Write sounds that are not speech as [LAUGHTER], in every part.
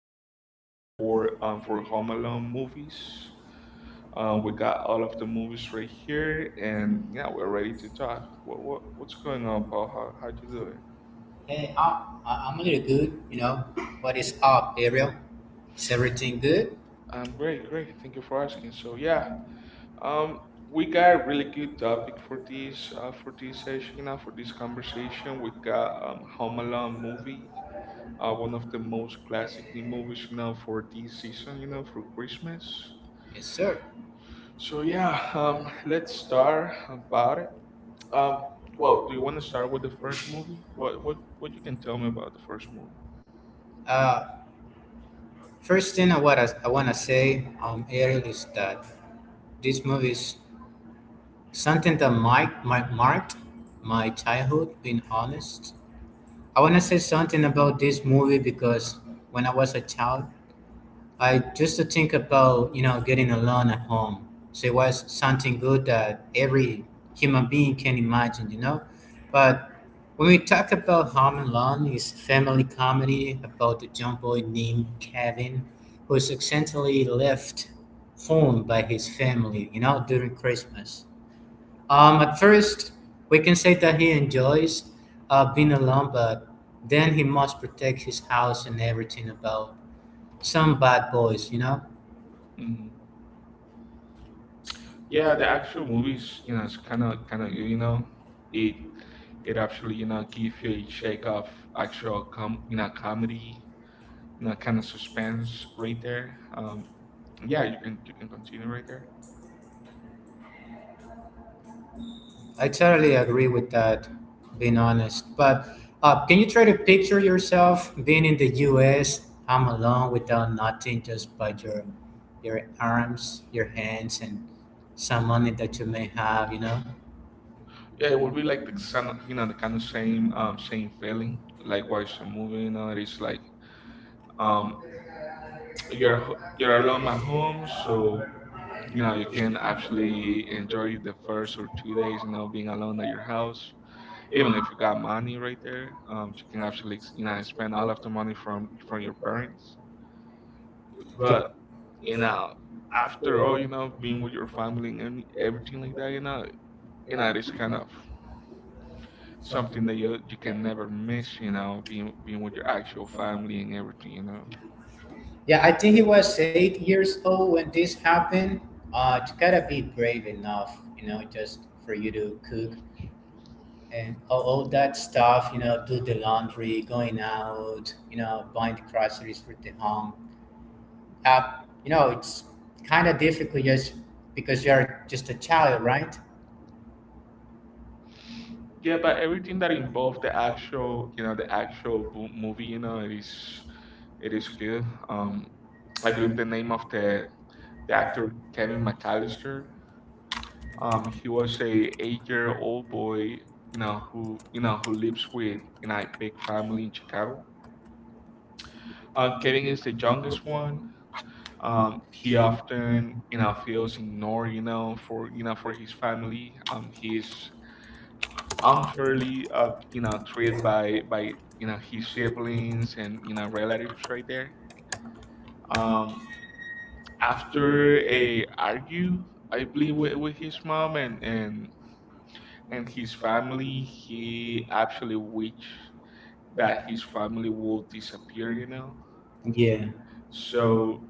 actual history for for Home Alone movies. We got all of the movies right here, and yeah, we're ready to talk. What's going on, Paul? How you doing? Hey, I'm a little good, you know. What is up, Ariel? Is everything good? I'm great, great. Thank you for asking. So yeah, um, we got a really good topic for this for this session. Now for this conversation, we got Home Alone movie. One of the most classic movies, you know, for this season, you know, for Christmas. Yes, sir. So yeah, let's start about it. Um, well, do you want to start with the first movie? What what you can tell me about the first movie? Uh, First thing I want to I wanna say, Ariel, is that this movie is something that might marked my childhood, being honest. I want to say something about this movie because when I was a child, I just to think about you know getting a loan at home. So it was something good that every human being can imagine, you know. But when we talk about Home and Loan, it's a family comedy about a young boy named Kevin, who is accidentally left home by his family, you know, during Christmas. At first, we can say that he enjoys being alone, but then he must protect his house and everything about some bad boys, you know. hmm Yeah, the actual movie is, you know, it's kind of you know, it it actually you know give you a shake of actual com you know comedy you know kind of suspense right there. Yeah, you can continue right there. I totally agree with that, being honest. But can you try to picture yourself being in the US? Am alone without nothing, just by your arms, your hands, and some money that you may have, you know? Yeah, it would be like the kind of, you know, the kind of same same feeling like watch a movie. You know, it's like um you're you're alone at home, so you know you can actually enjoy the first or 2 days. You know, being alone at your house, even if you got money right there, you can actually spend all of the money from your parents. But you know, after all, you know, being with your family and everything like that, you know, it's kind of something that you can never miss, you know, being with your actual family and everything, you know. Yeah, I think he was 8 years old when this happened. You gotta be brave enough, you know, just for you to cook and all that stuff, you know, do the laundry, going out, you know, buying the groceries for the home uh, you know, it's kind of difficult just because you're just a child, right? Yeah, but everything that involved the actual, you know, the actual movie, you know, it is good. I believe the name of the actor Kevin McAllister. He was a 8 year old boy, you know who lives with you know a big family in Chicago. Kevin is the youngest one. He often, you know, feels ignored, you know, for for his family. He's unfairly, you know, treated by you know his siblings and you know relatives right there. Um, after a argue, I believe with his mom and and his family, he actually wished that his family will disappear, you know. Yeah, So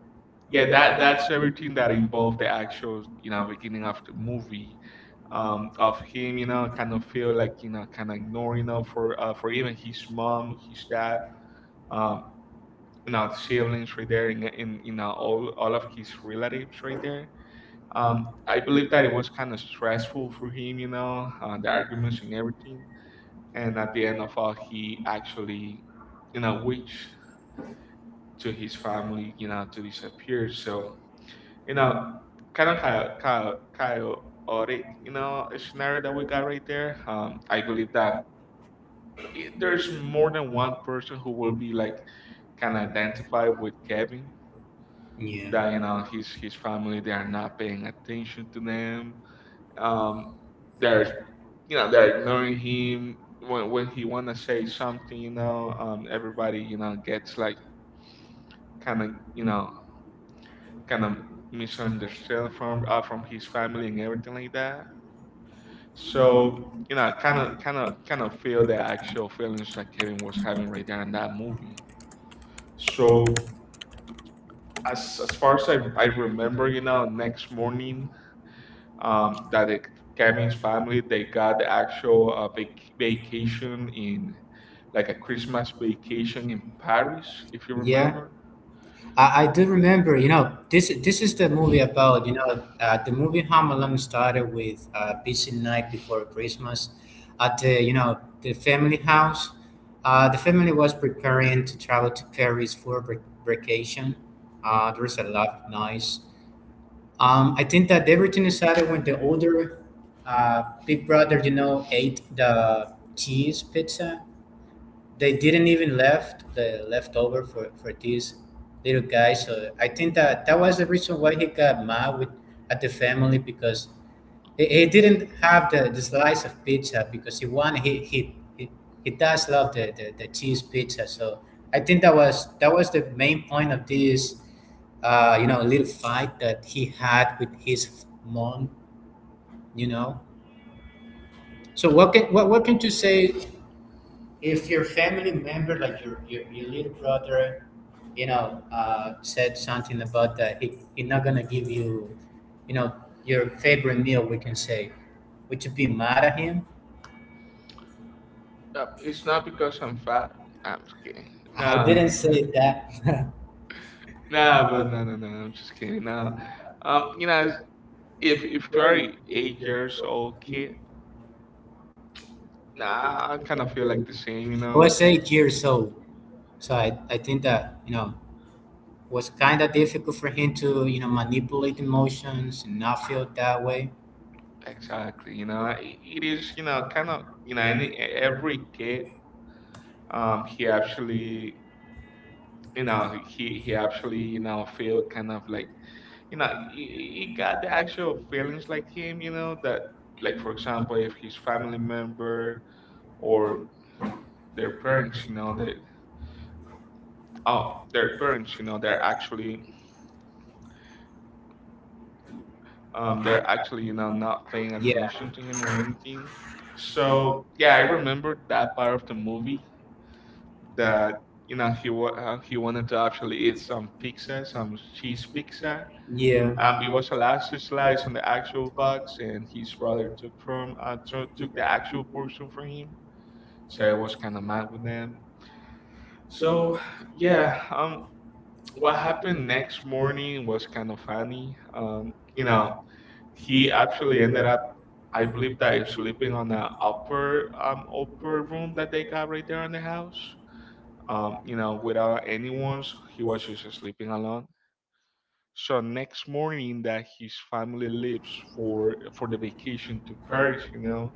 yeah, that's everything that involved the actual, you know, beginning of the movie. Um, of him, you know, kind of feel like you know, kind of ignore, you know, for even his mom, his dad, um, you know, the siblings right there, and in you know, all of his relatives right there. I believe that it was kind of stressful for him, you know, the arguments and everything. And at the end of all, he actually, you know, reached to his family, you know, to disappear. So, you know, kind of kind of chaotic, you know, scenario that we got right there. I believe that it, there's more than one person who will be like can identify with Kevin, that you know his family, they are not paying attention to them, um, they're you know they're ignoring him when he want to say something, you know, um, everybody you know gets like kind of you know kind of misunderstood from his family and everything like that, so you know kind of feel the actual feelings that Kevin was having right there in that movie. So as far as I remember, you know, next morning, that it, Kevin's family they got the actual vacation in like a Christmas vacation in Paris, if you yeah, remember. I do remember. You know, this is the movie about. You know, the movie Home Alone started with busy night before Christmas, at the you know the family house. The family was preparing to travel to Paris for vacation. There was a lot of noise. I think that everything started when the older big brother, you know, ate the cheese pizza. They didn't even left the leftover for this little guy. So I think that was the reason why he got mad with at the family because he didn't have the slice of pizza because he won. He does love the cheese pizza. So I think that was the main point of this, you know, little fight that he had with his mom. You know. So what can what can you say if your family member, like your your little brother, you know, said something about that he not gonna give you, you know, your favorite meal. We can say, would you be mad at him? It's not because I'm fat. I'm just kidding. I Nah, didn't say that. [LAUGHS] [LAUGHS] nah, but no, no, no. I'm just kidding. Nah, you know, if you're a 8 years old kid, I nah, I kind of feel like the same, you know. was 8 years old, so I think that you know was kind of difficult for him to you know manipulate emotions and not feel that way. Exactly, you know, it is, you know, kind of, you know, any every kid, he actually, you know, he actually, you know, feel kind of like, you know, he got the actual feelings like him, you know, that, like for example, if his family member or their parents, you know, that, oh, their parents, you know, they're actually, you know, not paying Yeah, attention to him or anything. So yeah, I remember that part of the movie that you know he wanted to actually eat some pizza, some cheese pizza. It was a last slice on the actual box, and his brother took from took the actual portion from him. So I was kind of mad with them. So yeah, what happened next morning was kind of funny. You know, he actually ended up. I believe that he's sleeping on an upper upper room that they got right there on the house. Um, you know, without anyone's. He was just sleeping alone. So next morning, that his family leaves for the vacation to Paris, you know,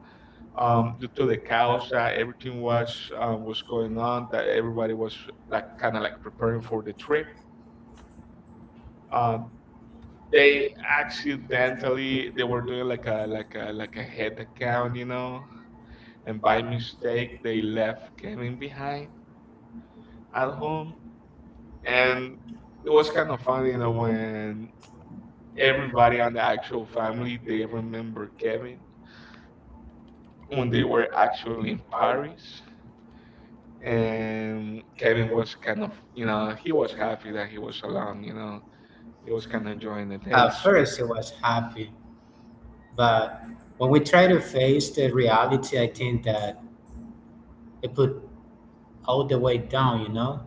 due to the chaos that everything was going on, that everybody was like kind of like preparing for the trip. Uh, they accidentally they were doing like a like a head account, you know, and by mistake they left Kevin behind at home, and it was kind of funny, you know, when everybody on the actual family they remember Kevin when they were actually in Paris, and Kevin was kind of you know he was happy that he was alone, you know, he was yeah. kind of enjoying the At days. first, it was happy, but when we try to face the reality, I think that it put all the way down. You know.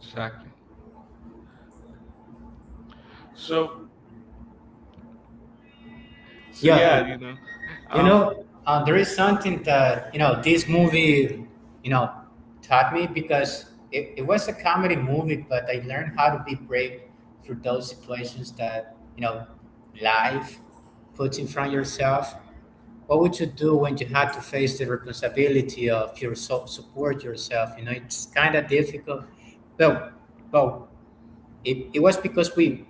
Exactly. So so yeah, Yeah. you know, You um know, there is something that, you know, this movie, you know, taught me because it was a comedy movie, but I learned how to be brave through those situations that, you know, life puts in front of yourself. What would you do when you had to face the responsibility of your support yourself? You know, it's kind of difficult, but, but it was because we,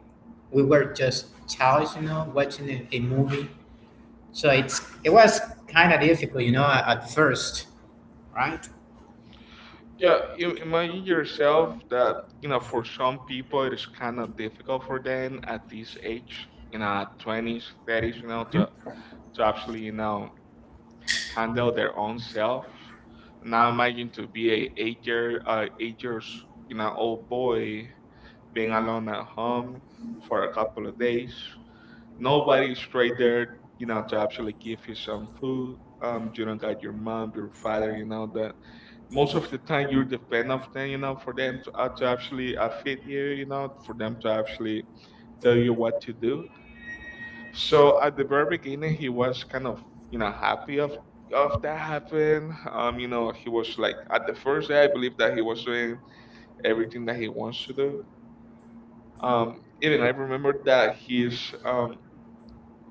we were just childs, you know, watching a movie so it's it was kind of difficult, you know, at first, right? yeah, imagine yourself that you know for some people it is kind of difficult for them at this age, you know, at 20s 30s, you know, to actually you know handle their own self. Now imagine to be a 8 years you know old boy being alone at home for a couple of days. Nobody's right there, you know, to actually give you some food. You don't got your mom, your father, you know, that most of the time you're dependent of them, you know, for them to actually feed you, you know, for them to actually tell you what to do. So at the very beginning, he was kind of you know happy of that happened. You know, he was like at the first day, I believe that he was doing everything that he wants to do. Even I remember that um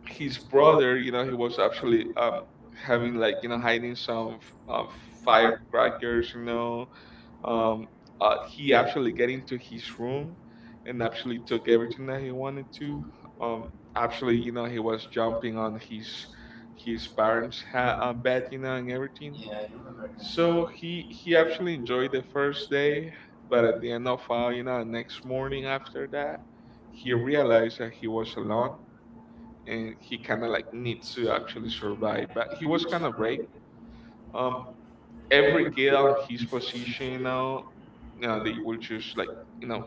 his brother, you know, he was actually having like you know hiding some um firecrackers, you know, um, he actually get into his room and actually took everything that he wanted to. Um, actually, you know, he was jumping on his parents' bed, you know, and everything. Yeah, I So he actually enjoyed the first day, but at the end of you know, next morning after that, he realized that he was alone and he kind of like needs to actually survive. But he was kind of brave. Um, every kid on his position, you know, they will just like, you know,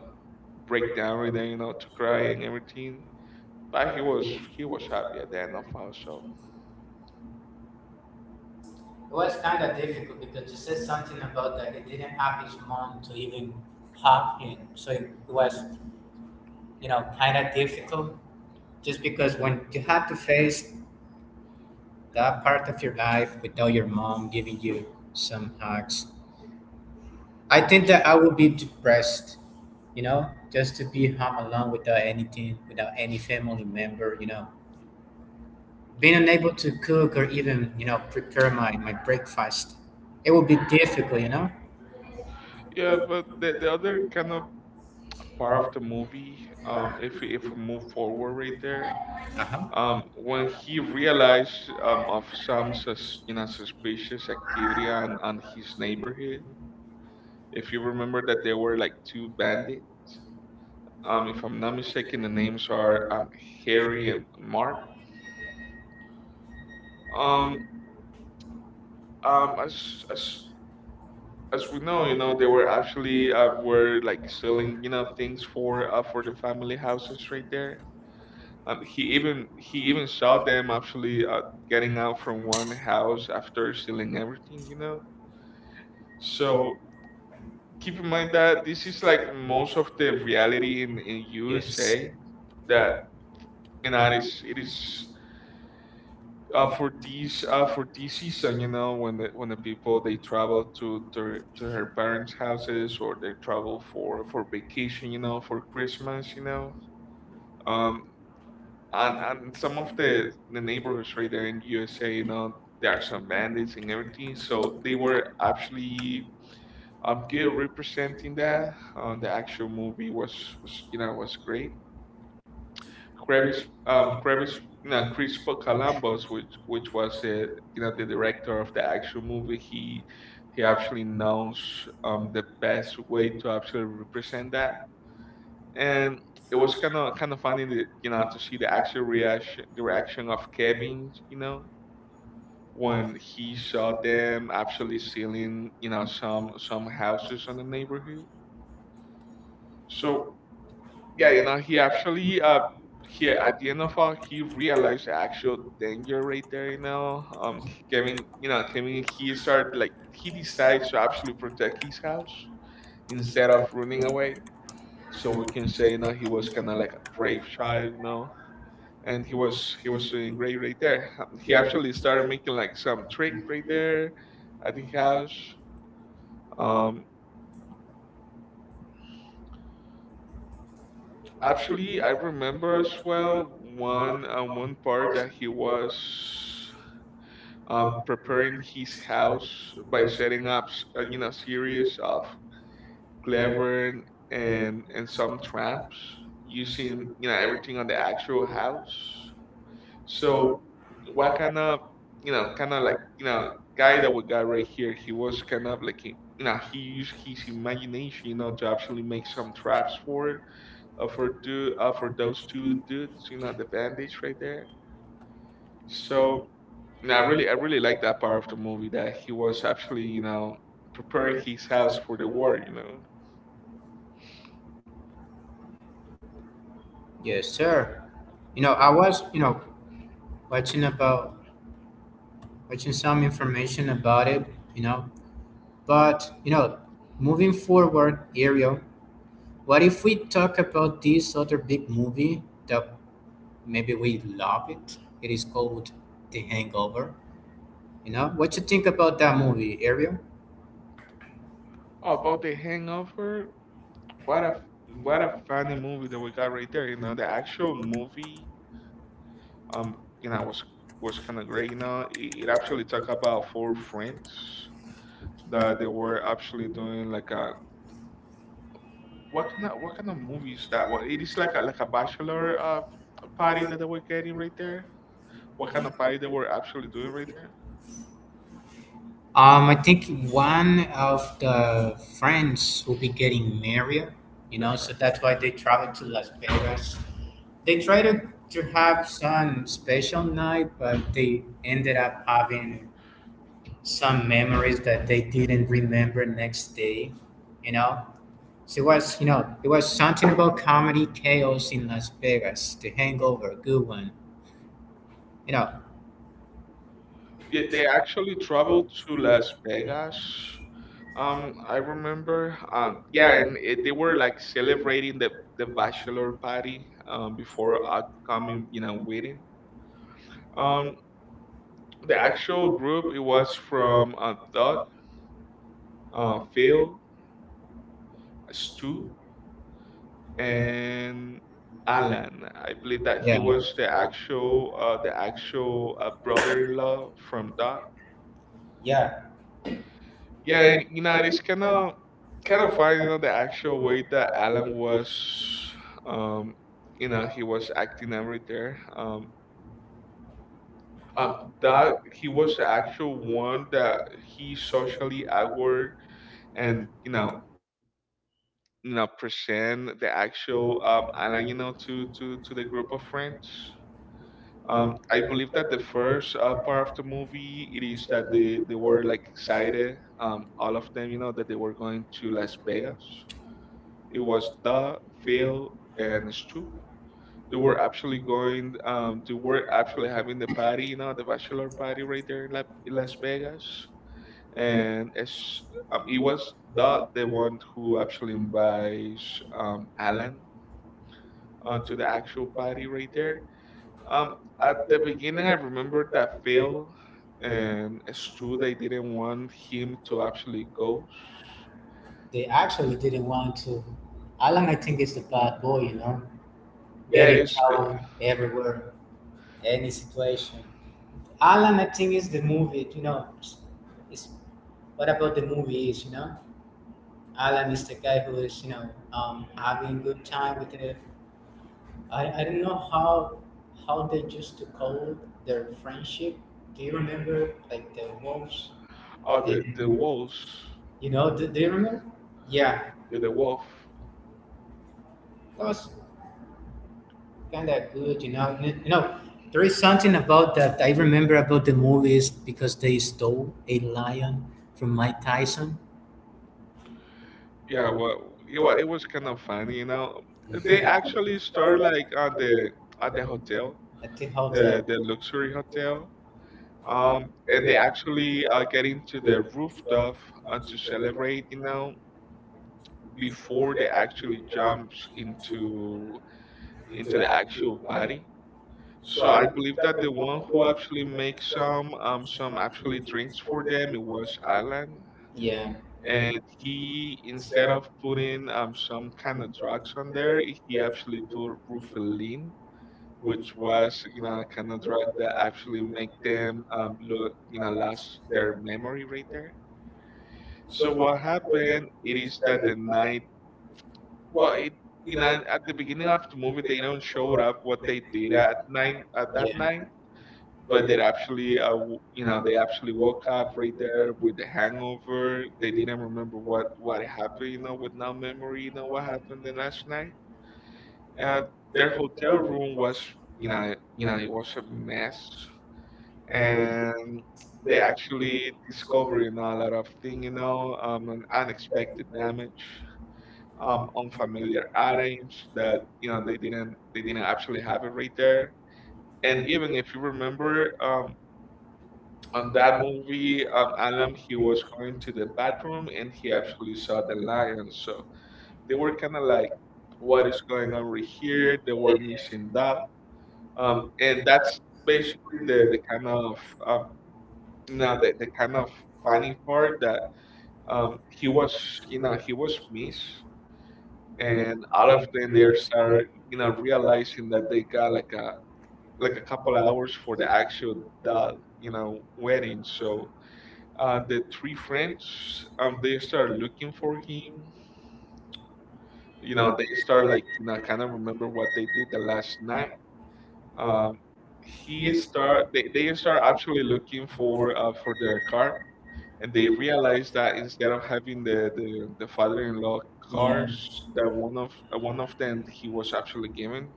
break down right there, you know, to cry and everything. But he was happy at the end of all. So it was kind of difficult because you said something about that he didn't have his mom to even help him. So it was, you know, kind of difficult just because when you had to face that part of your life without your mom giving you some hugs, I think that I would be depressed, you know, just to be home alone without anything, without any family member, you know, being unable to cook or even, you know, prepare my, my breakfast. It would be difficult, you know? yeah, but the other kind of part of the movie, if we move forward right there, Uh huh. When he realized of some you know suspicious activity on his neighborhood. If you remember that there were like two bandits, if I'm not mistaken, the names are Harry and Mark. Um, as as as we know, you know, they were actually were like selling, you know, things for the family houses right there. He even saw them actually getting out from one house after selling everything, you know. So keep in mind that this is like most of the reality in USA that you know it is. For this for this season, you know, when the people they travel to their to her parents' houses or they travel for vacation, you know, for Christmas, you know, um, and some of the neighborhoods right there in USA, you know, there are some bandits and everything, so they were actually good representing that. The actual movie was you know was great. Crevis, um, Crevis, Crispo Columbus, which was the director of the actual movie. He actually knows the best way to actually represent that, and it was kind of funny that to see the reaction of Kevin, when he saw them actually stealing some houses on the neighborhood. So yeah, he at the end of all he realized the actual danger right there. Kevin, he started like he decides to actually protect his house instead of running away. So we can say, he was kinda like a brave child. And he was doing great right there. He actually started making like some trick right there at the house. Um actually I remember as well one part that he was preparing his house by setting up, series of clever and some traps using, everything on the actual house. So, what kind of, kind of like, guy that we got right here, he was kind of like, he used his imagination, to actually make some traps for those two dudes, the bandits right there. So, now I really like that part of the movie that he was actually, preparing his house for the war. Yes, sir. You know, I was, you know, watching about watching some information about it, you know. But, you know, moving forward, Ariel, what if we talk about this other big movie that maybe we love it? It is called The Hangover. You know, what you think about that movie, Ariel? Oh, about the Hangover, what a, f- what a funny movie that we got right there. The actual movie, um, you know, was was kind of great. It actually talked about four friends that they were actually doing like a, what kind of movies that, well, it is like a bachelor party that they were getting right there. What kind of party they were actually doing right there? I think one of the friends will be getting married, you know, That's so right. that's why they travel to Las Vegas. They tried to have some special night, but they ended up having some memories that they didn't remember next day, you know? So it was, you know, it was something about comedy chaos in Las Vegas, The Hangover, good one, you know? Yeah, they actually traveled to Las Vegas. I remember. Yeah, and they were like celebrating the bachelor party before upcoming, wedding. Um, the actual group it was from Doug, Phil, Stu, and Alan. I believe that he was the Yeah. actual uh the actual uh, brother-in-law from Doug. Yeah, Yeah, and, it's kind of fine, the actual way that Alan was, um, he was acting, and Um, um, that he was the actual one that he socially awkward, and present the actual Alan, to the group of friends. I believe that the first part of the movie it is that they were like excited, all of them, that they were going to Las Vegas. It was the Phil, and Stu. They were actually going. They were actually having the party, the bachelor party right there in Las Vegas. And it was the one who actually invites Alan onto the actual party right there. Um, at the beginning, I remember that Phil and Stu they didn't want him to actually go. they actually didn't want to. Alan, I think, is the bad boy, you know, Yeah, it getting is the trouble everywhere. Any situation. Alan, I think is the movie. You know, it's what about the movie is you know, Alan is the guy who is you know having good time with the. I don't know how they used to call their friendship. Do you remember like the wolves oh or the the the wolves, you know do you remember? Yeah, yeah, the wolf. that was kind of good, you know. You know, there is something about that I remember about the movies because they stole a lion from Mike Tyson. Yeah, well, it was kind of funny. They actually start like on the at the hotel, I think how the the the luxury hotel, and they actually get into the rooftop to celebrate, before they actually jumps into the actual party. So I believe that the one who actually makes some actually drinks for them it was Alan. yeah And he, instead of putting some kind of drugs on there, he actually put rufalin, which was, kind of drug that actually make them look you know lose their memory right there. So what happened, it is that the night, well, it you know at the beginning of the movie they don't show up what they did at night, at yeah that night. But they actually woke up right there with the hangover. They didn't remember what happened, with no memory, what happened the last night. And their hotel room was, it was a mess. And they actually discovered, a lot of thing, an unexpected damage, unfamiliar items that, they didn't actually have it right there. And even if you remember, on that movie, Alam he was going to the bathroom and he actually saw the lion. So they were kind of like, "What is going on right here?" They were missing that, and that's basically the kind of, um, the kind of funny part that, he was, he was missed, and all of them they start, realizing that they got like a couple hours for the actual the you know wedding. So the three friends, they start looking for him. They start like, kind of remember what they did the last night. Um, he start They start actually looking for their car, and they realize that instead of having the father-in-law yeah cars that one of them he was actually given,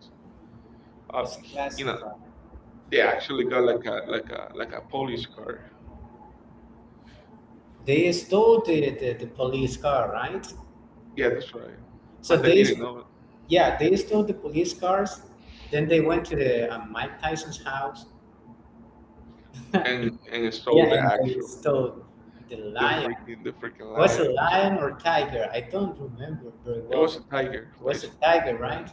uh, you he- you classic. know Know, they actually got like a police car. they stole the police car, right? Yeah, that's right, So but they they didn't know it, yeah they stole the police cars. Then they went to the Mike Tyson's house. and [LAUGHS] and Yeah, stole the that. And they actual stole the lion. The freaking Was a lion. That's right. lion or tiger? I don't remember very it It well. Was was a It tiger, was a basically. tiger, Yeah, right?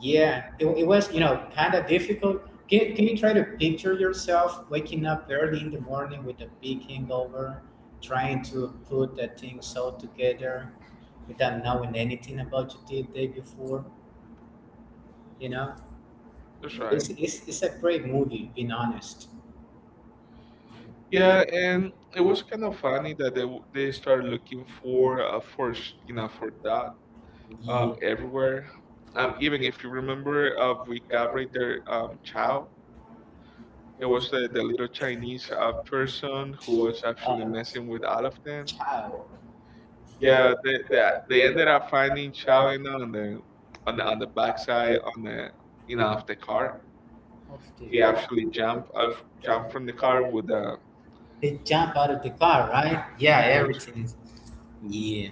Yeah, it was, you know, kind of difficult. Can you try to picture yourself waking up early in the morning with a big hangover, trying to put the things all together without knowing anything about you the day before, you know? that's right. It's a great movie, being honest. Yeah, and it was kind of funny that they started looking for for that, uh, Yeah, everywhere. Even if you remember, we got right there. Chow. It was the little Chinese person who was actually messing with all of them. child. Yeah, they ended up finding Chow, on the backside on the you know of the car. Off the day. He actually jumped from the car with a. They jump out of the car, right? Yeah, Yeah, that's right. everything is. Yeah,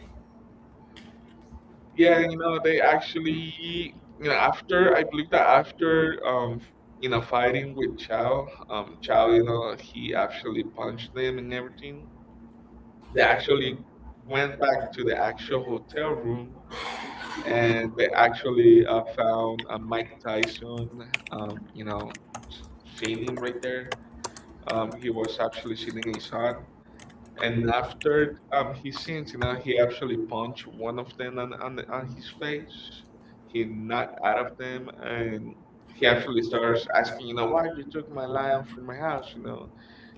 Yeah, they actually, after, I believe that after, fighting with Chow, Chow, he actually punched them and everything. They actually went back to the actual hotel room, and they actually found Mike Tyson, um, you know, sitting right there. He was actually sitting his son. And after, he sings, he actually punched one of them on his face. He knocked out of them, and he actually starts asking, "Why you took my lion from my house, you know?"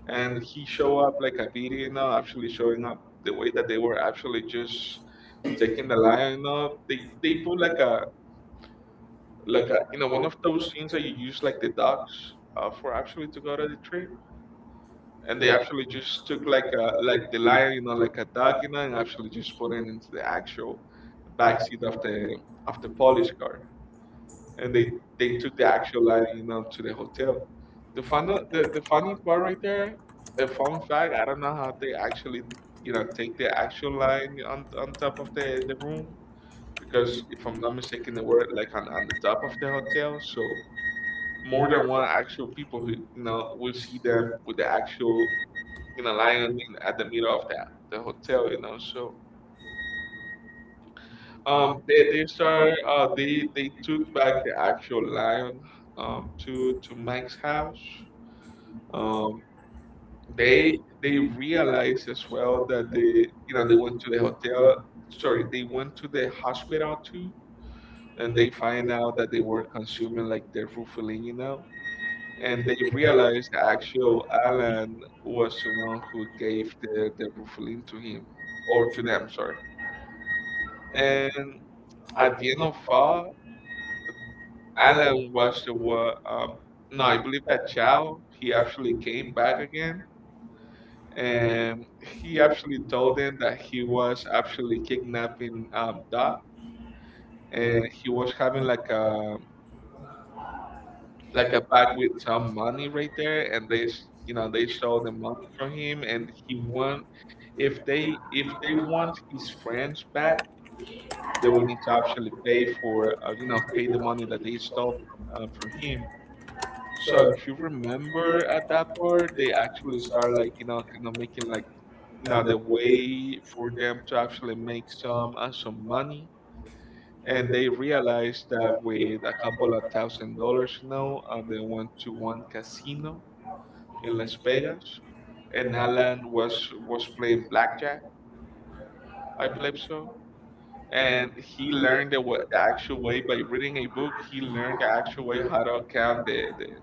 And he show up like a video, actually showing up the way that they were actually just taking the lion. They put like a one of those things that you use like the dogs for actually to go to the tree, and they actually just took like a like the lion, like a dog, and actually just put it into the actual backseat of the police car, and they took the actual lion, to the hotel. The funny part right there, a fun fact. I don't know how they actually, take the actual lion on top of the room, because if I'm not mistaken, they were like on the top of the hotel. So more than one actual people who, will see them with the actual, lion at the middle of the hotel, so, they start, they took back the actual lion, to Mike's house. um they they realized as well that they, they went to the hotel, sorry, they went to the hospital too, and they find out that they were consuming like their rufalin, and they realized the actual Alan was the one who gave the Rufalin to him, or to them, sorry. And at the end of all, Alan was the one. No, I believe that Chow he actually came back again, and he actually told them that he was actually kidnapping Dot, and he was having like a bag with some money right there, and they s- you know they stole the money from him, and he won if they want his friends back, they will need to actually pay for you know pay the money that they stole from him. So if you remember at that part, they actually start like kind of making like the way for them to actually make some some money, and they realized that with a couple of $1,000s, you know, they went to one casino in Las Vegas, and Alan was playing blackjack, I believe so, and he learned the, the actual way by reading a book. He learned the actual way how to count the,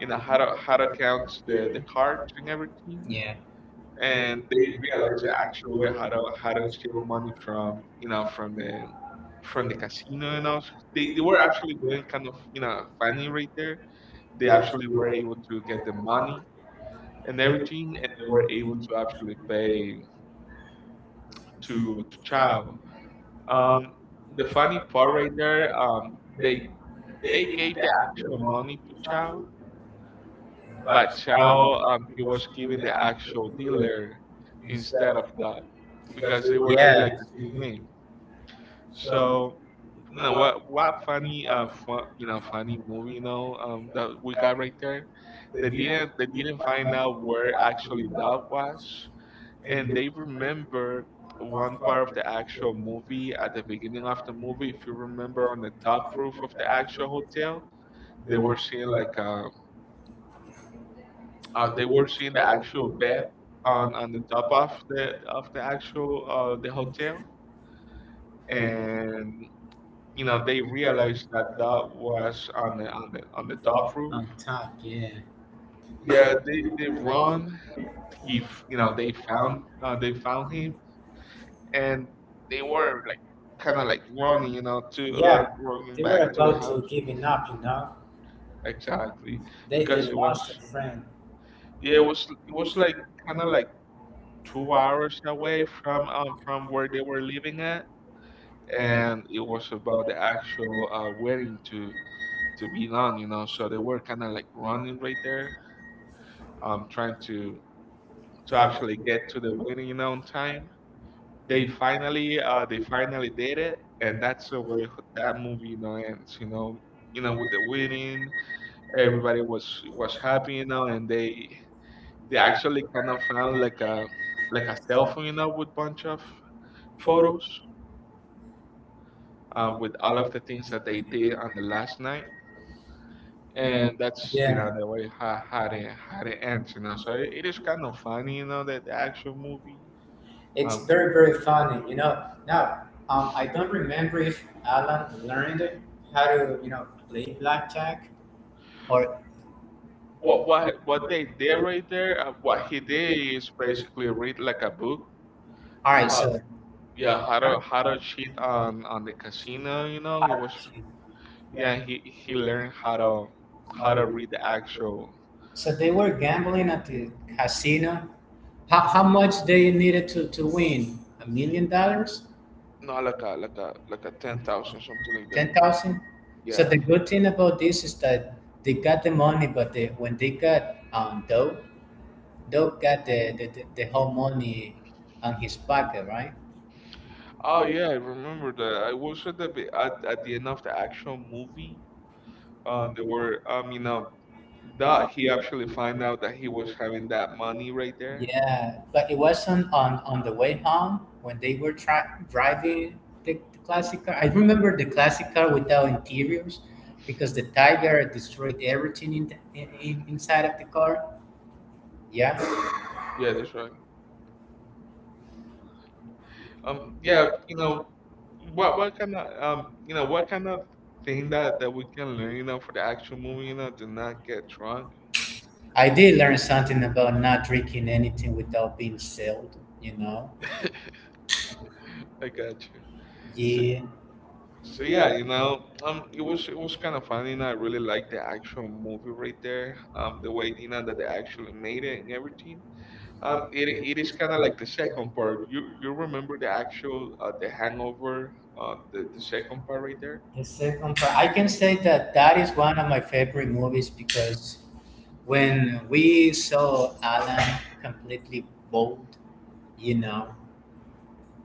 you know how to count the cards and everything. yeah, And they realized the actual way how to steal money from you know from the casino and all. They were actually doing kind of you know funny right there. They actually were able to get the money and everything, and were able to actually pay to Chow. Um, the funny part right there, they They gave the actual money to Chao, but Chao he was giving the actual dealer instead of that because they were having like yeah. the same name. So you know what funny you know funny movie you know that we got right there. They didn't find out where actually that was, and they remember one part of the actual movie at the beginning of the movie. If you remember, on the top roof of the actual hotel, they were seeing like a They were seeing the actual bed on the top of the actual the hotel, and you know they realized that that was on the on the on the top roof. On top, yeah, Yeah, they run. He you know they found him, and they were like kind of like running, you know, to yeah. Like what running they were back happened to the about to house. was giving up, you know. Exactly, They because because it was lost a friend. yeah, it was like kind of like 2 hours away from where they were living at, and it was about the actual wedding to be done, you know. So they were kind of like running right there, trying to actually get to the wedding, you know, on time. They finally did it, and that's the way that movie, you know, ends, you know. You know, with the wedding, everybody was happy, you know, and they actually kind of found like a cell phone, you know, with bunch of photos with all of the things that they did on the last night. And that's you know Yeah, the way how, how it ends you know. So it is kind of funny you know that the action movie it's um very, very funny, you know. Now, I don't remember if Alan learned how to, you know, play blackjack or, what they did right there, what he did is basically read like a book all right, how, so. Oh, yeah, how to cheat on the casino. You know he was yeah he learned how to read the actual so they were gambling at the casino. How much they needed to win? $1 million? no like a 10,000, something like that. 10,000? So yeah, Yeah, the good thing about this is that they got the money, but they, when they got Doug, Doug got the whole money on his pocket, right? oh yeah, I remember that. I was at at the end of the actual movie. They were, you know, that he actually find out that he was having that money right there. Yeah, but it wasn't on the way home when they were driving the classic car. I remember the classic car without interiors because the tiger destroyed everything in the, in, inside of the car. Yeah, Yeah, that's right. Yeah, you know, what kind of you know, what kind of thing that we can learn, you know, for the actual movie, you know, do not get drunk. I did learn something about not drinking anything without being sealed. You know. I got you. So Yeah, so yeah, you know, it was kind of funny, and I really liked the actual movie right there. The way you know that they actually made it and everything. It is kind of like the second part. You remember the actual the Hangover, the second part right there. the second part, I can say that that is one of my favorite movies because when we saw Alan completely bald, you know,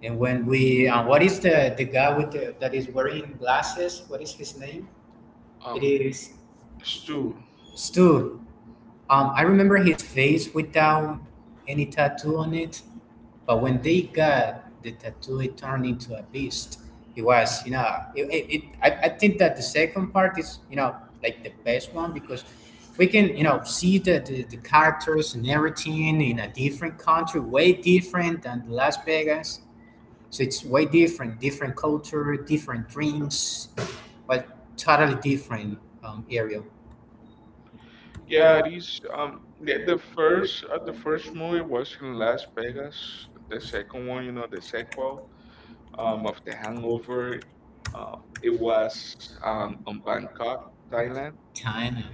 and when we, what is the guy with the, that is wearing glasses? What is his name? It Um, is Stu. Stu. I remember his face without any tattoo on it, but when they got the tattoo, it turned into a beast. It was, you know, it, I, think that the second part is, you know, like the best one because we can, you know, see the characters and everything in a different country, way different than Las Vegas. So it's way different, different culture, different dreams, but totally different area. Yeah, it is. The, first the first movie was in Las Vegas. The second one, you know, the sequel of the Hangover, it was on Bangkok, Thailand. Kind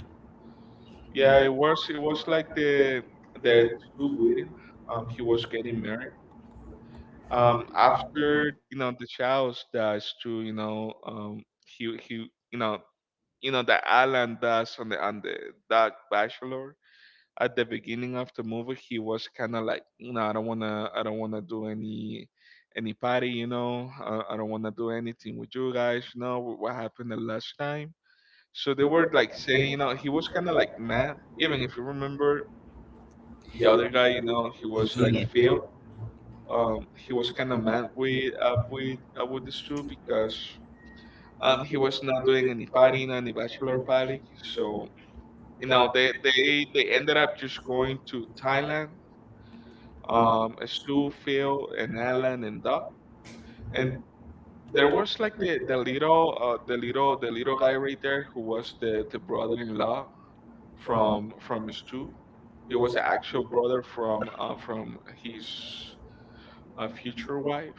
Yeah, it was like the the Stu, he was getting married, um, after you know the Charles does too, you know. He you know you know that Alan does on the Dark Bachelor at the beginning of the movie. He was kind of like you know, I don't wanna do any party you know. I don't wanna do anything with you guys, you know, what happened the last time. So they were like saying you know he was kind of like mad, even if you remember the other guy you know, he was like of. Yeah, Phil, he was kind of mad with with the crew because he was not doing any partying and the bachelor party. So you know they they ended up just going to Thailand. Stu, Phil, and Alan and Doc, and there was like the little the little the little guy right there who was the brother-in-law from Stu. He was the actual brother from his future wife.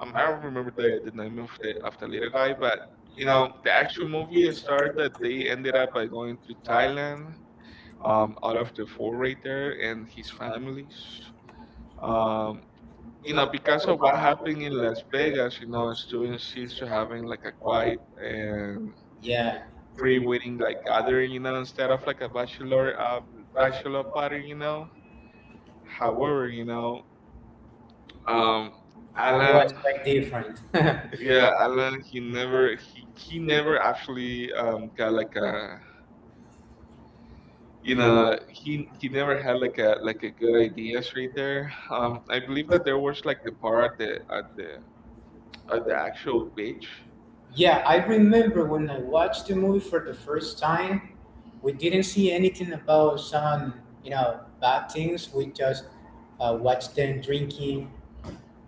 I don't remember the, name of the little guy, but you know the actual movie started that they ended up by going to Thailand, out of the four right there and his families. Um, you know because of what happened in Las Vegas, you know students used to having like a quiet and yeah. pre-wedding like gathering, you know, instead of like a bachelor bachelor party, you know. However, you know, um, It was Alan. quite different. [LAUGHS] Yeah, Alan, he never he never actually got like a you know, he never had like a good idea straight there. I believe that there was like the part at the at the at the actual beach. Yeah, I remember when I watched the movie for the first time, we didn't see anything about some, you know, bad things. We just watched them drinking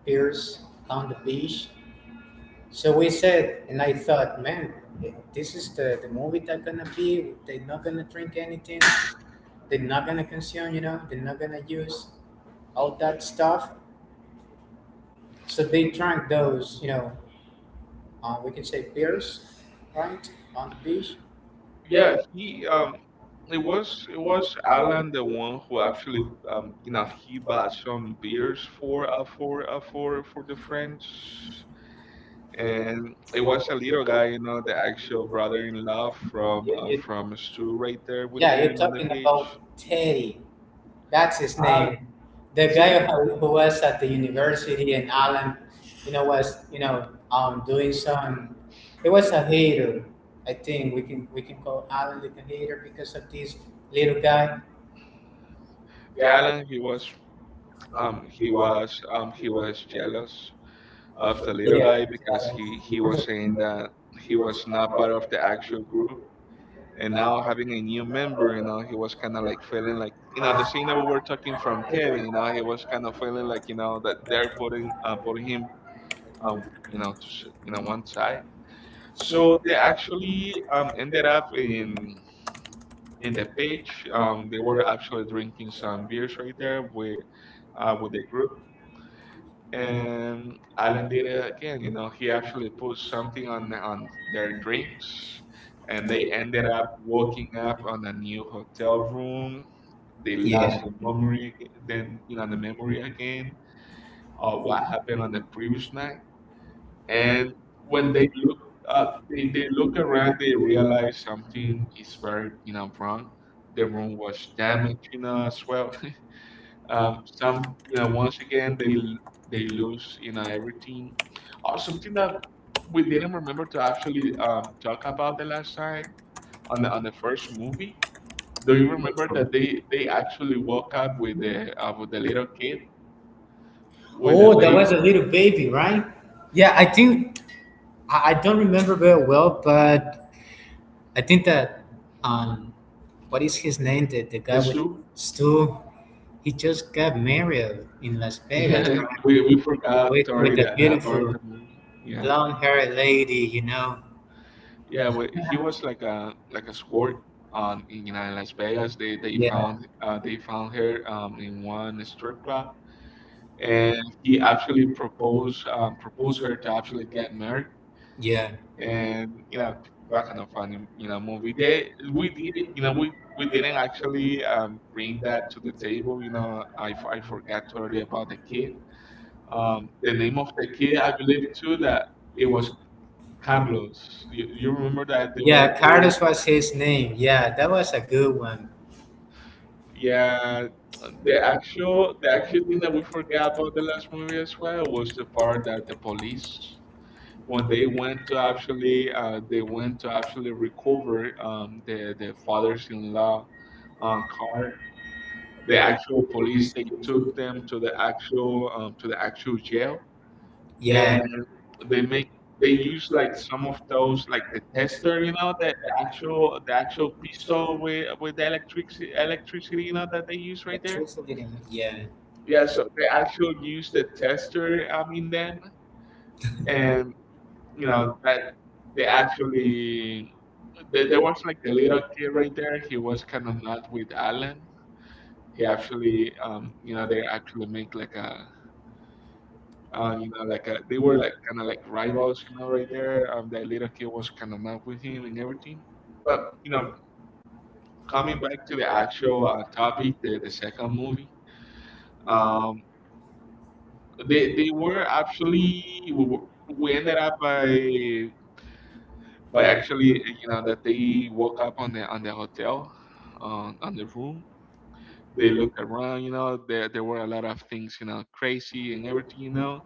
beers on the beach. So we said, and I thought, man, this is the movie that's gonna be. They're not gonna drink anything. They're not gonna consume, you know, they're not gonna use all that stuff. So they drank those, you know, we can say beers, right, on the beach. Yeah, he it was Alan the one who actually you know he bought some beers for for the friends, and it was a little guy, you know, the actual brother-in-law from Stu right there with Yeah, you're them on the talking beach. about Teddy. That's his Uh, name. The Tay, guy who was at the university in Allen, you know, was you know doing some. He was a hater. I think we can call Allen like a hater because of this little guy. Jalen, he was he was he was jealous of the little guy Yeah. because he was saying that he was not part of the actual group. And now having a new member, you know, he was kind of like feeling like, you know, the scene that we were talking from Kevin, you know, he was kind of feeling like, you know, that they're putting putting him, um, you know, to, you know, one side. Yeah. So they actually ended up in the beach. They were actually drinking some beers right there with the group. And Alan did it again. You know, he actually put something on their drinks, and they ended up waking up on a new hotel room. They lost the memory, then you know the memory again of what happened on the previous night. And when they look they, look around, they realize something is very you know wrong. The room was damaged, you know, as well [LAUGHS] some you know, once again they they lose you know everything. Or something that we didn't remember to actually talk about the last time on the first movie, do you remember that they actually woke up with the little kid with the baby Little baby, right? Yeah, I think I don't remember very well, but I think that um, what is his name? The guy Stu. Stu? Stu. He just got married in Las Yeah, [LAUGHS] we forgot totally that, part of the movie. Yeah, blonde haired lady, you know. yeah. He was like a squirt on in Las Vegas. They found they found her in one strip club, and he actually proposed proposed her to actually get married. Yeah, And you know what kind of funny you know movie they we did it. You know we didn't actually bring that to the table. You know I forgot totally about the kid. The name of the kid I believe too that it was Carlos. You remember that they were, yeah, they were, Carlos was his name. Yeah, that was a good one. yeah. The actual thing that we forgot about the last movie as well was the part that the police when they went to actually they went to actually recover the father's-in-law car. The actual police they took them to the actual jail, Yeah, and they make they use like some of those like the tester you know the actual pistol with the electricity, you know that they use right there. Teresa didn't. Yeah, Yeah, so they actually use the tester in them, and you know that they actually there, was like the little kid right there. He was kind of not with Alan. He actually you know they actually make like a you know, like they were like kind of like rivals, you know, right there. That little kid was kind of mad with him and everything. But you know, coming back to the actual topic, the second movie, um, they were actually we ended up by actually you know that they woke up on the hotel, on the room. They looked around, you know, there were a lot of things, you know, crazy and everything, you know,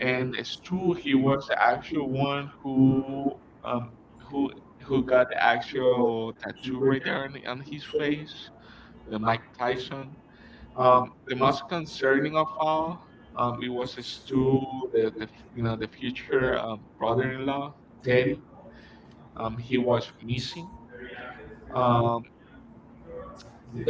and it's true, he was the actual one who um who who got the actual tattoo right there on his face, the Mike Tyson. The most concerning of all, it was his two, the you know the future brother-in-law Teddy. He was missing. um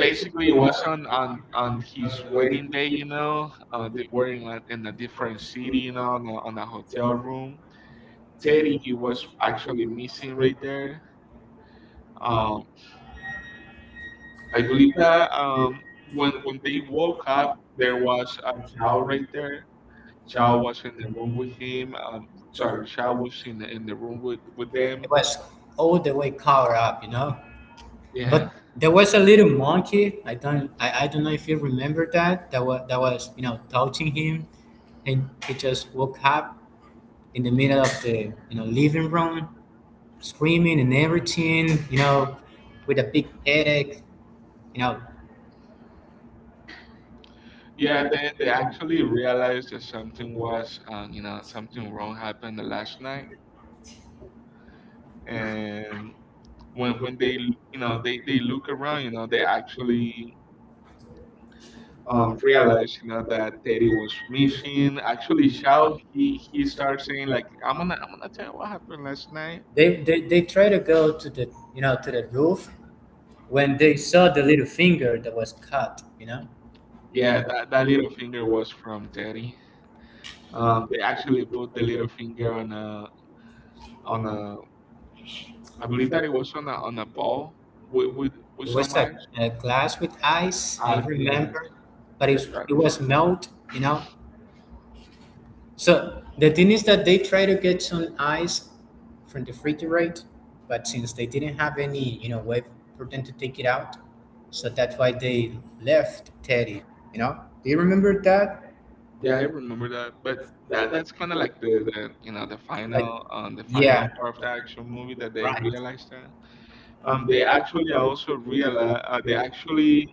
Basically, it was on on his wedding day, you know. They were in a different city, you know, on a hotel room. Teddy, he was actually missing right there. Um, I believe that when they woke up, there was a Chow right there. Chow was in the room with him. Sorry, Chow was in the room with them. it was all the way covered up, you know. Yeah, But there was a little monkey. I don't know if you remember that. That was touching him, and he just woke up in the middle of the living room, screaming and everything, with a big headache. You know, yeah. They actually realized that something was you know, something wrong happened the last night, and when they look around, you know, they actually realized, you know, that Teddy was missing. Actually, Shao, he starts saying like, "I'm gonna, I'm gonna tell you what happened last night." they tried to go to the, to the roof when they saw the little finger that was cut, Yeah, that little finger was from Teddy. They actually put the little finger on a on a, I believe It that it was on a ball with with some was a, ice. a glass with ice, I Ah, glass. remember, but it, That's right. it That's was right. melt, So the thing is that they try to get some ice from the refrigerator, but since they didn't have any, way for them to take it out, so that's why they left Teddy. You know, do you remember that? Yeah, I remember that. But that Like, that's kind of like the, you know, the final yeah, part of the action movie that they right. realized that. They actually are also realize they actually,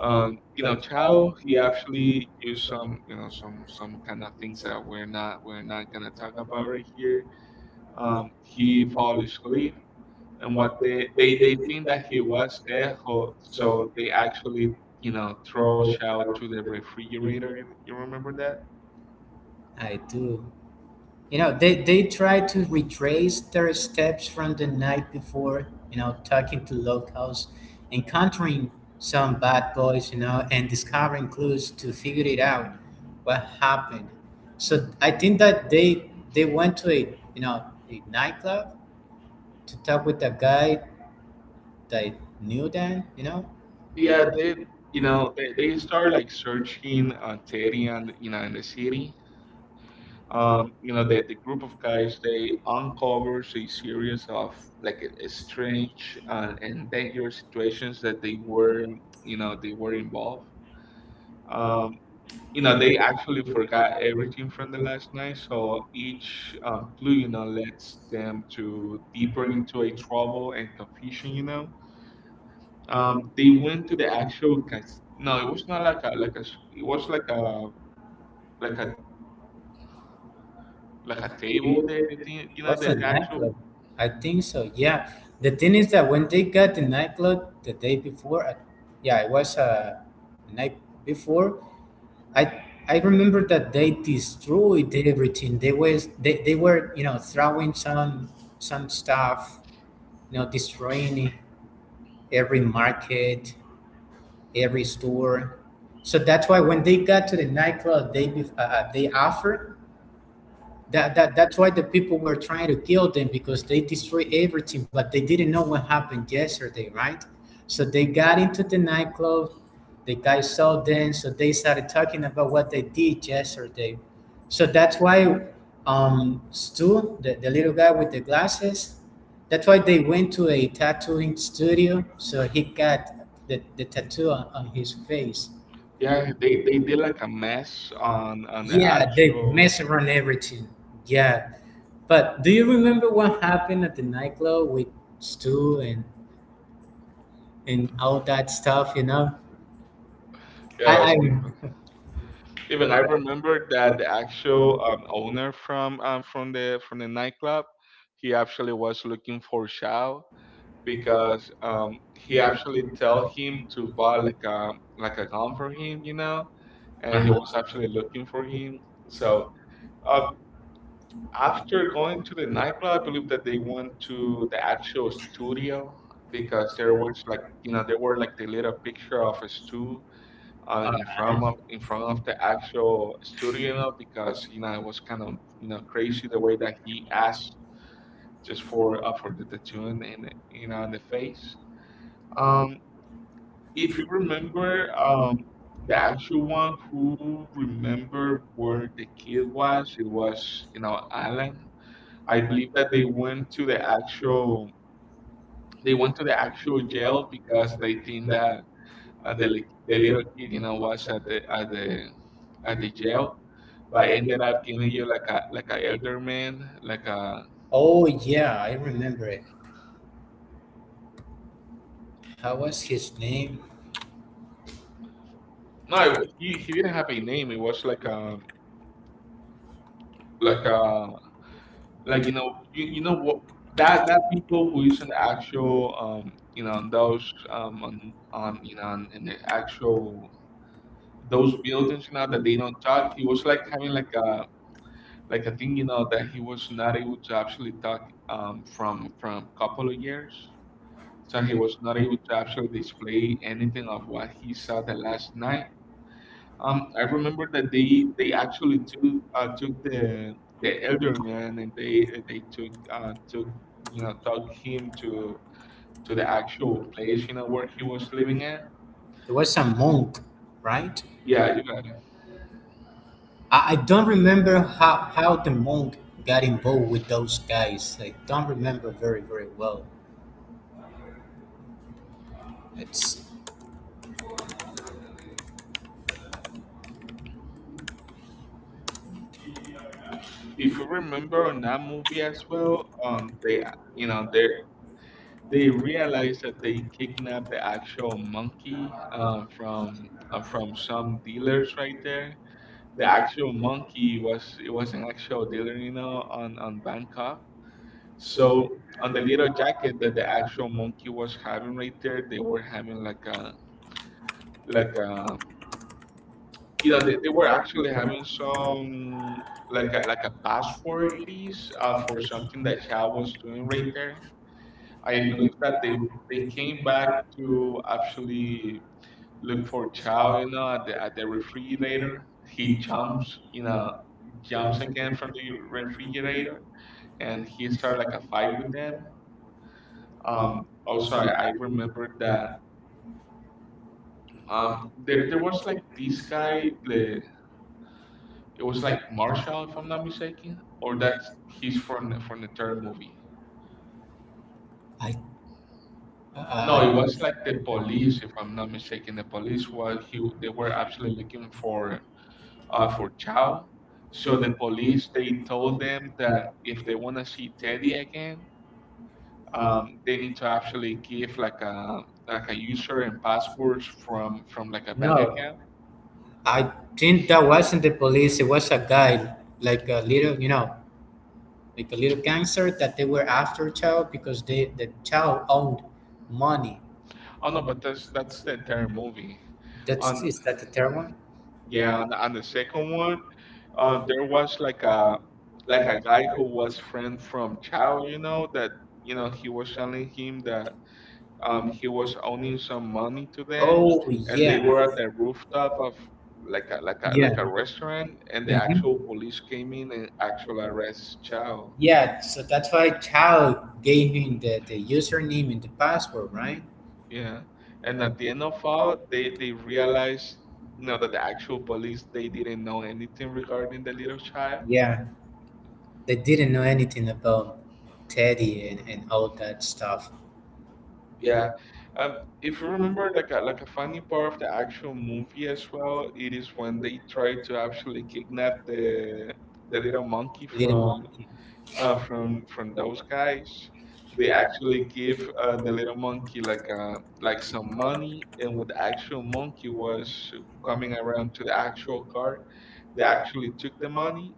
you know, Chow, he actually used some, you know, some kind of things that we're not gonna talk about right here. He fall asleep and what they think that he was there, so they actually, you know, throw Chow to the refrigerator. You remember that? I do. They try to retrace their steps from the night before, talking to locals, encountering some bad boys, and discovering clues to figure it out what happened. So I think that they went to a a nightclub to talk with a guy that knew them, Yeah, they, you know, they start like searching Teddy, and you know, in the city, you know, the group of guys, they uncovers a series of like a strange and dangerous situations that they were, you know, they were involved, um, you know, they actually forgot everything from the last night, so each clue, you know, leads them to deeper into a trouble and confusion, you know. They went to the actual no, it was not like a it was like a like a like a table that they think, you know, What's a the actual. nightclub? I think so. Yeah. The thing is that when they got the nightclub the day before, I, yeah, it was a night before. I remember that they destroyed everything. They were throwing some stuff, destroying every market, every store. So that's why when they got to the nightclub, they offered that's why the people were trying to kill them because they destroyed everything, but they didn't know what happened yesterday, right? So they got into the nightclub. The guys saw them, so they started talking about what they did yesterday. So that's why Stu, the little guy with the glasses, that's why they went to a tattooing studio. So he got the tattoo on his face. Yeah, they did like a mess on the Yeah, they actual. mess around everything. Yeah, but do you remember what happened at the nightclub with Stu and all that stuff? You know, I Yeah, it was I, kind of fun. I Even I remember that the actual owner from the nightclub, he actually was looking for Shao because he actually tell him to buy like a gun for him, you know, and he remember. was actually looking for him. So. uh, After going to the nightclub, I believe that they went to the actual studio, because there was like, you know, there were like the little picture of a stool in front of the actual studio, you know, because, you know, it was kind of, you know, crazy the way that he asked just for the tattoo in you know, in the face. Um, if you remember, the actual one who remember where the kid was, it was, you know, Alan. I believe that they went to the actual, they went to the actual jail because they think that the the little kid, you know, was at the at the at the jail, but ended up giving you like a elder man, like a, Oh yeah, I remember it. How was his name? no it he didn't have a name. It was like a like a like, you know, you know what, that that people who is an actual, you know, on those on you know, in the actual those buildings, you know, that they don't talk, he was like having like a. Like, I think, you know, that he was not able to actually talk from couple of years, so he was not able to actually display anything of what he saw the last night. I remember that they actually took took the elder man, and they took took, you know, took him to the actual place, you know, where he was living at. It was a monk, right? Yeah, you got it. I don't remember how the monk got involved with those guys. I don't remember very well. It's If you remember on that movie as well, they, you know, they realized that they kidnapped the actual monkey from some dealers right there. The actual monkey was, it was an actual dealer, you know, on Bangkok. So on the little jacket that the actual monkey was having right there, they were having like a like a, you know, they were actually having some like a password it is for something that Chow was doing right there. I believe that they came back to actually look for Chow, you know, at the refrigerator. He jumps, you know, jumps again from the refrigerator, and he started like a fight with them. Also, I remember that, there was like this guy, the, it was like Marshall, if I'm not mistaken, or that's he's from the third movie. I Uh, No, it Uh, was like the like the police, police. if I'm not mistaken. The police was he. They were actually looking for Chow. So the police, they told them that if they want to see Teddy again, they need to actually give like a user and passwords from like a bank No, account. I think that wasn't the police. It was a guy, like a little, you know, like a little gangster that they were after child because they the child owned money. Oh no, but that's the third movie. That's On is that the third one? yeah, on the second one, there was like a guy who was friend from Chow, you know, that, you know, he was telling him that he was owning some money to them, Oh and they yeah, were at the rooftop of like a like a like yeah. a restaurant, and the Mhm. actual police came in and actual arrest Chow. Yeah. So that's why Chao gave him the username and the password, right? Yeah, and at the end of all, they realized, you know, that the actual police, they didn't know anything regarding the little child. Yeah. They didn't know anything about Teddy and, all that stuff. Yeah, if you remember, like a funny part of the actual movie as well, it is when they try to actually kidnap the little monkey Little Monkey. From those guys. They actually give the little monkey like some money, and when the actual monkey was coming around to the actual car, they actually took the money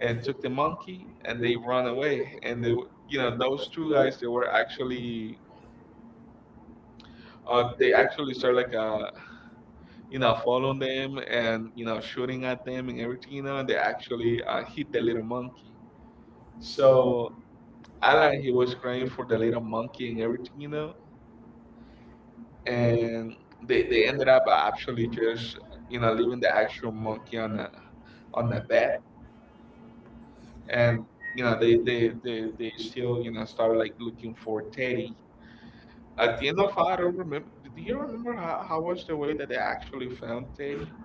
and took the monkey, and they run away. And they, you know, those two guys, they were actually. They actually start like you know, following them, and you know, shooting at them and everything, you know, and they actually hit the little monkey. So Alan, he was crying for the little monkey and everything, you know, and they ended up actually just, you know, leaving the actual monkey on the bed, and you know, they still, you know, started like looking for Teddy. At the end of all, I don't remember. Do you remember how was the way that they actually found Teddy?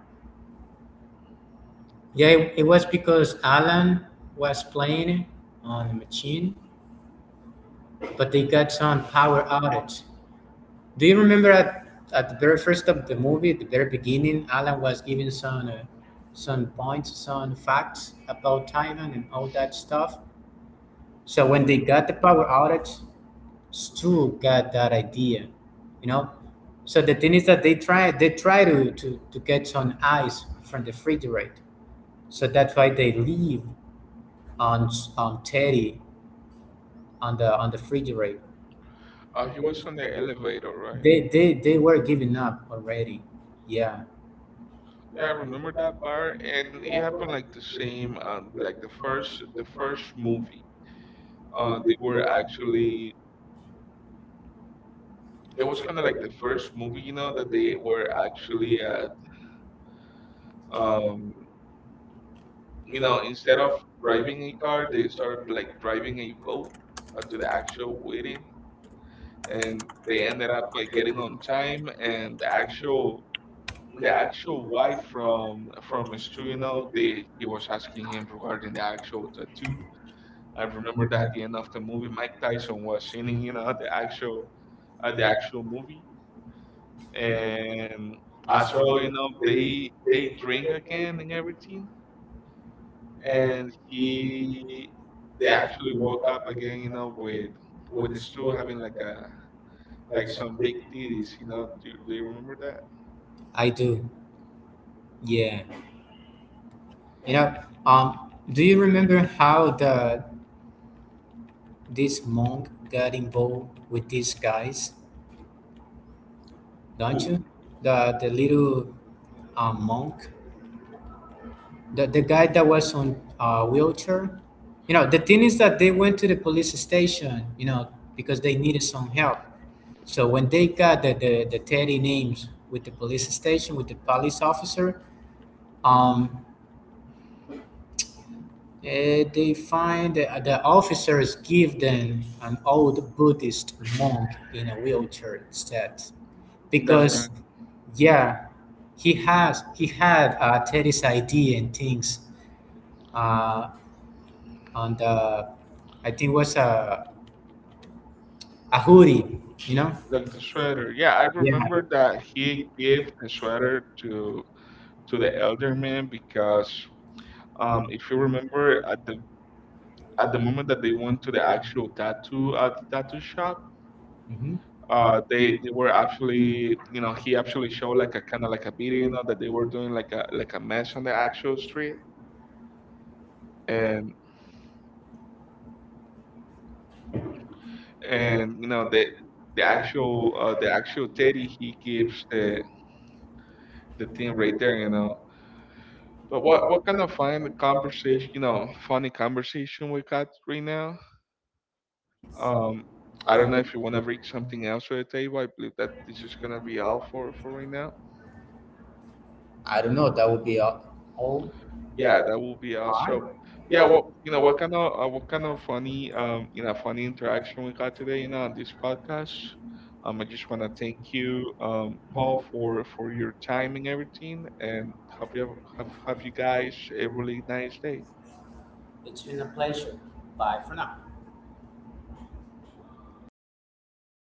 Yeah, it was because Alan was playing on the machine but they got some power outage. Do you remember at the very first of the movie, at the very beginning, Alan was giving some points, some facts about Thailand and all that stuff. So when they got the power outage, Stu got that idea, you know. So the thing is that they try to get some ice from the refrigerator. So that's why they leave on on Teddy on the refrigerator. He was on the elevator, right? They were giving up already. Yeah, Yeah, I remember that part, and it happened like the same, like the first movie. They were actually, it was kind of like the first movie, you know, that they were actually at, um, you know, instead of driving a car, they started like driving a boat to the actual wedding, and they ended up like getting on time, and the actual wife from Stu, you know, they, he was asking him regarding the actual tattoo. I remember that at the end of the movie, Mike Tyson was singing, you know, the actual movie, and as well, you know, they drink again and everything, and he, they actually woke up again, you know, with the stool having like a like some big titties, you know. Do, do you remember that? I do. Yeah. You know, do you remember how the this monk got involved with these guys? Don't Cool. you? The little monk, the guy that was on wheelchair, you know, the thing is that they went to the police station, you know, because they needed some help, so when they got the teddy names with the police station with the police officer, um, they find the officers give them an old Buddhist monk in a wheelchair instead That's right. because yeah he has he had Teddy's ID and things, uh, and I think was a hoodie, you know. Like the sweater. Yeah, I Yeah. remember that he gave the sweater to the elder man, because um, if you remember Hmm. at the moment that they went to the actual tattoo tattoo shop, they were actually, you know, he actually showed like a kind of like a video, you know, that they were doing like a mess on the actual street, and and you know, the actual the actual Teddy, he gives the thing right there, you know. But what kind of fun conversation, you know, funny conversation we got right now. Um, I don't know if you want to bring something else to the table. I believe that this is gonna be all for right now. I don't know. That would be all. all. Yeah, that will be All right. also. Yeah, well, you know, what kind of funny you know, funny interaction we got today, you know, on this podcast. I just want to thank you, Paul, for your time and everything, and hope you have, have you guys a really nice day. It's been a pleasure. Bye for now.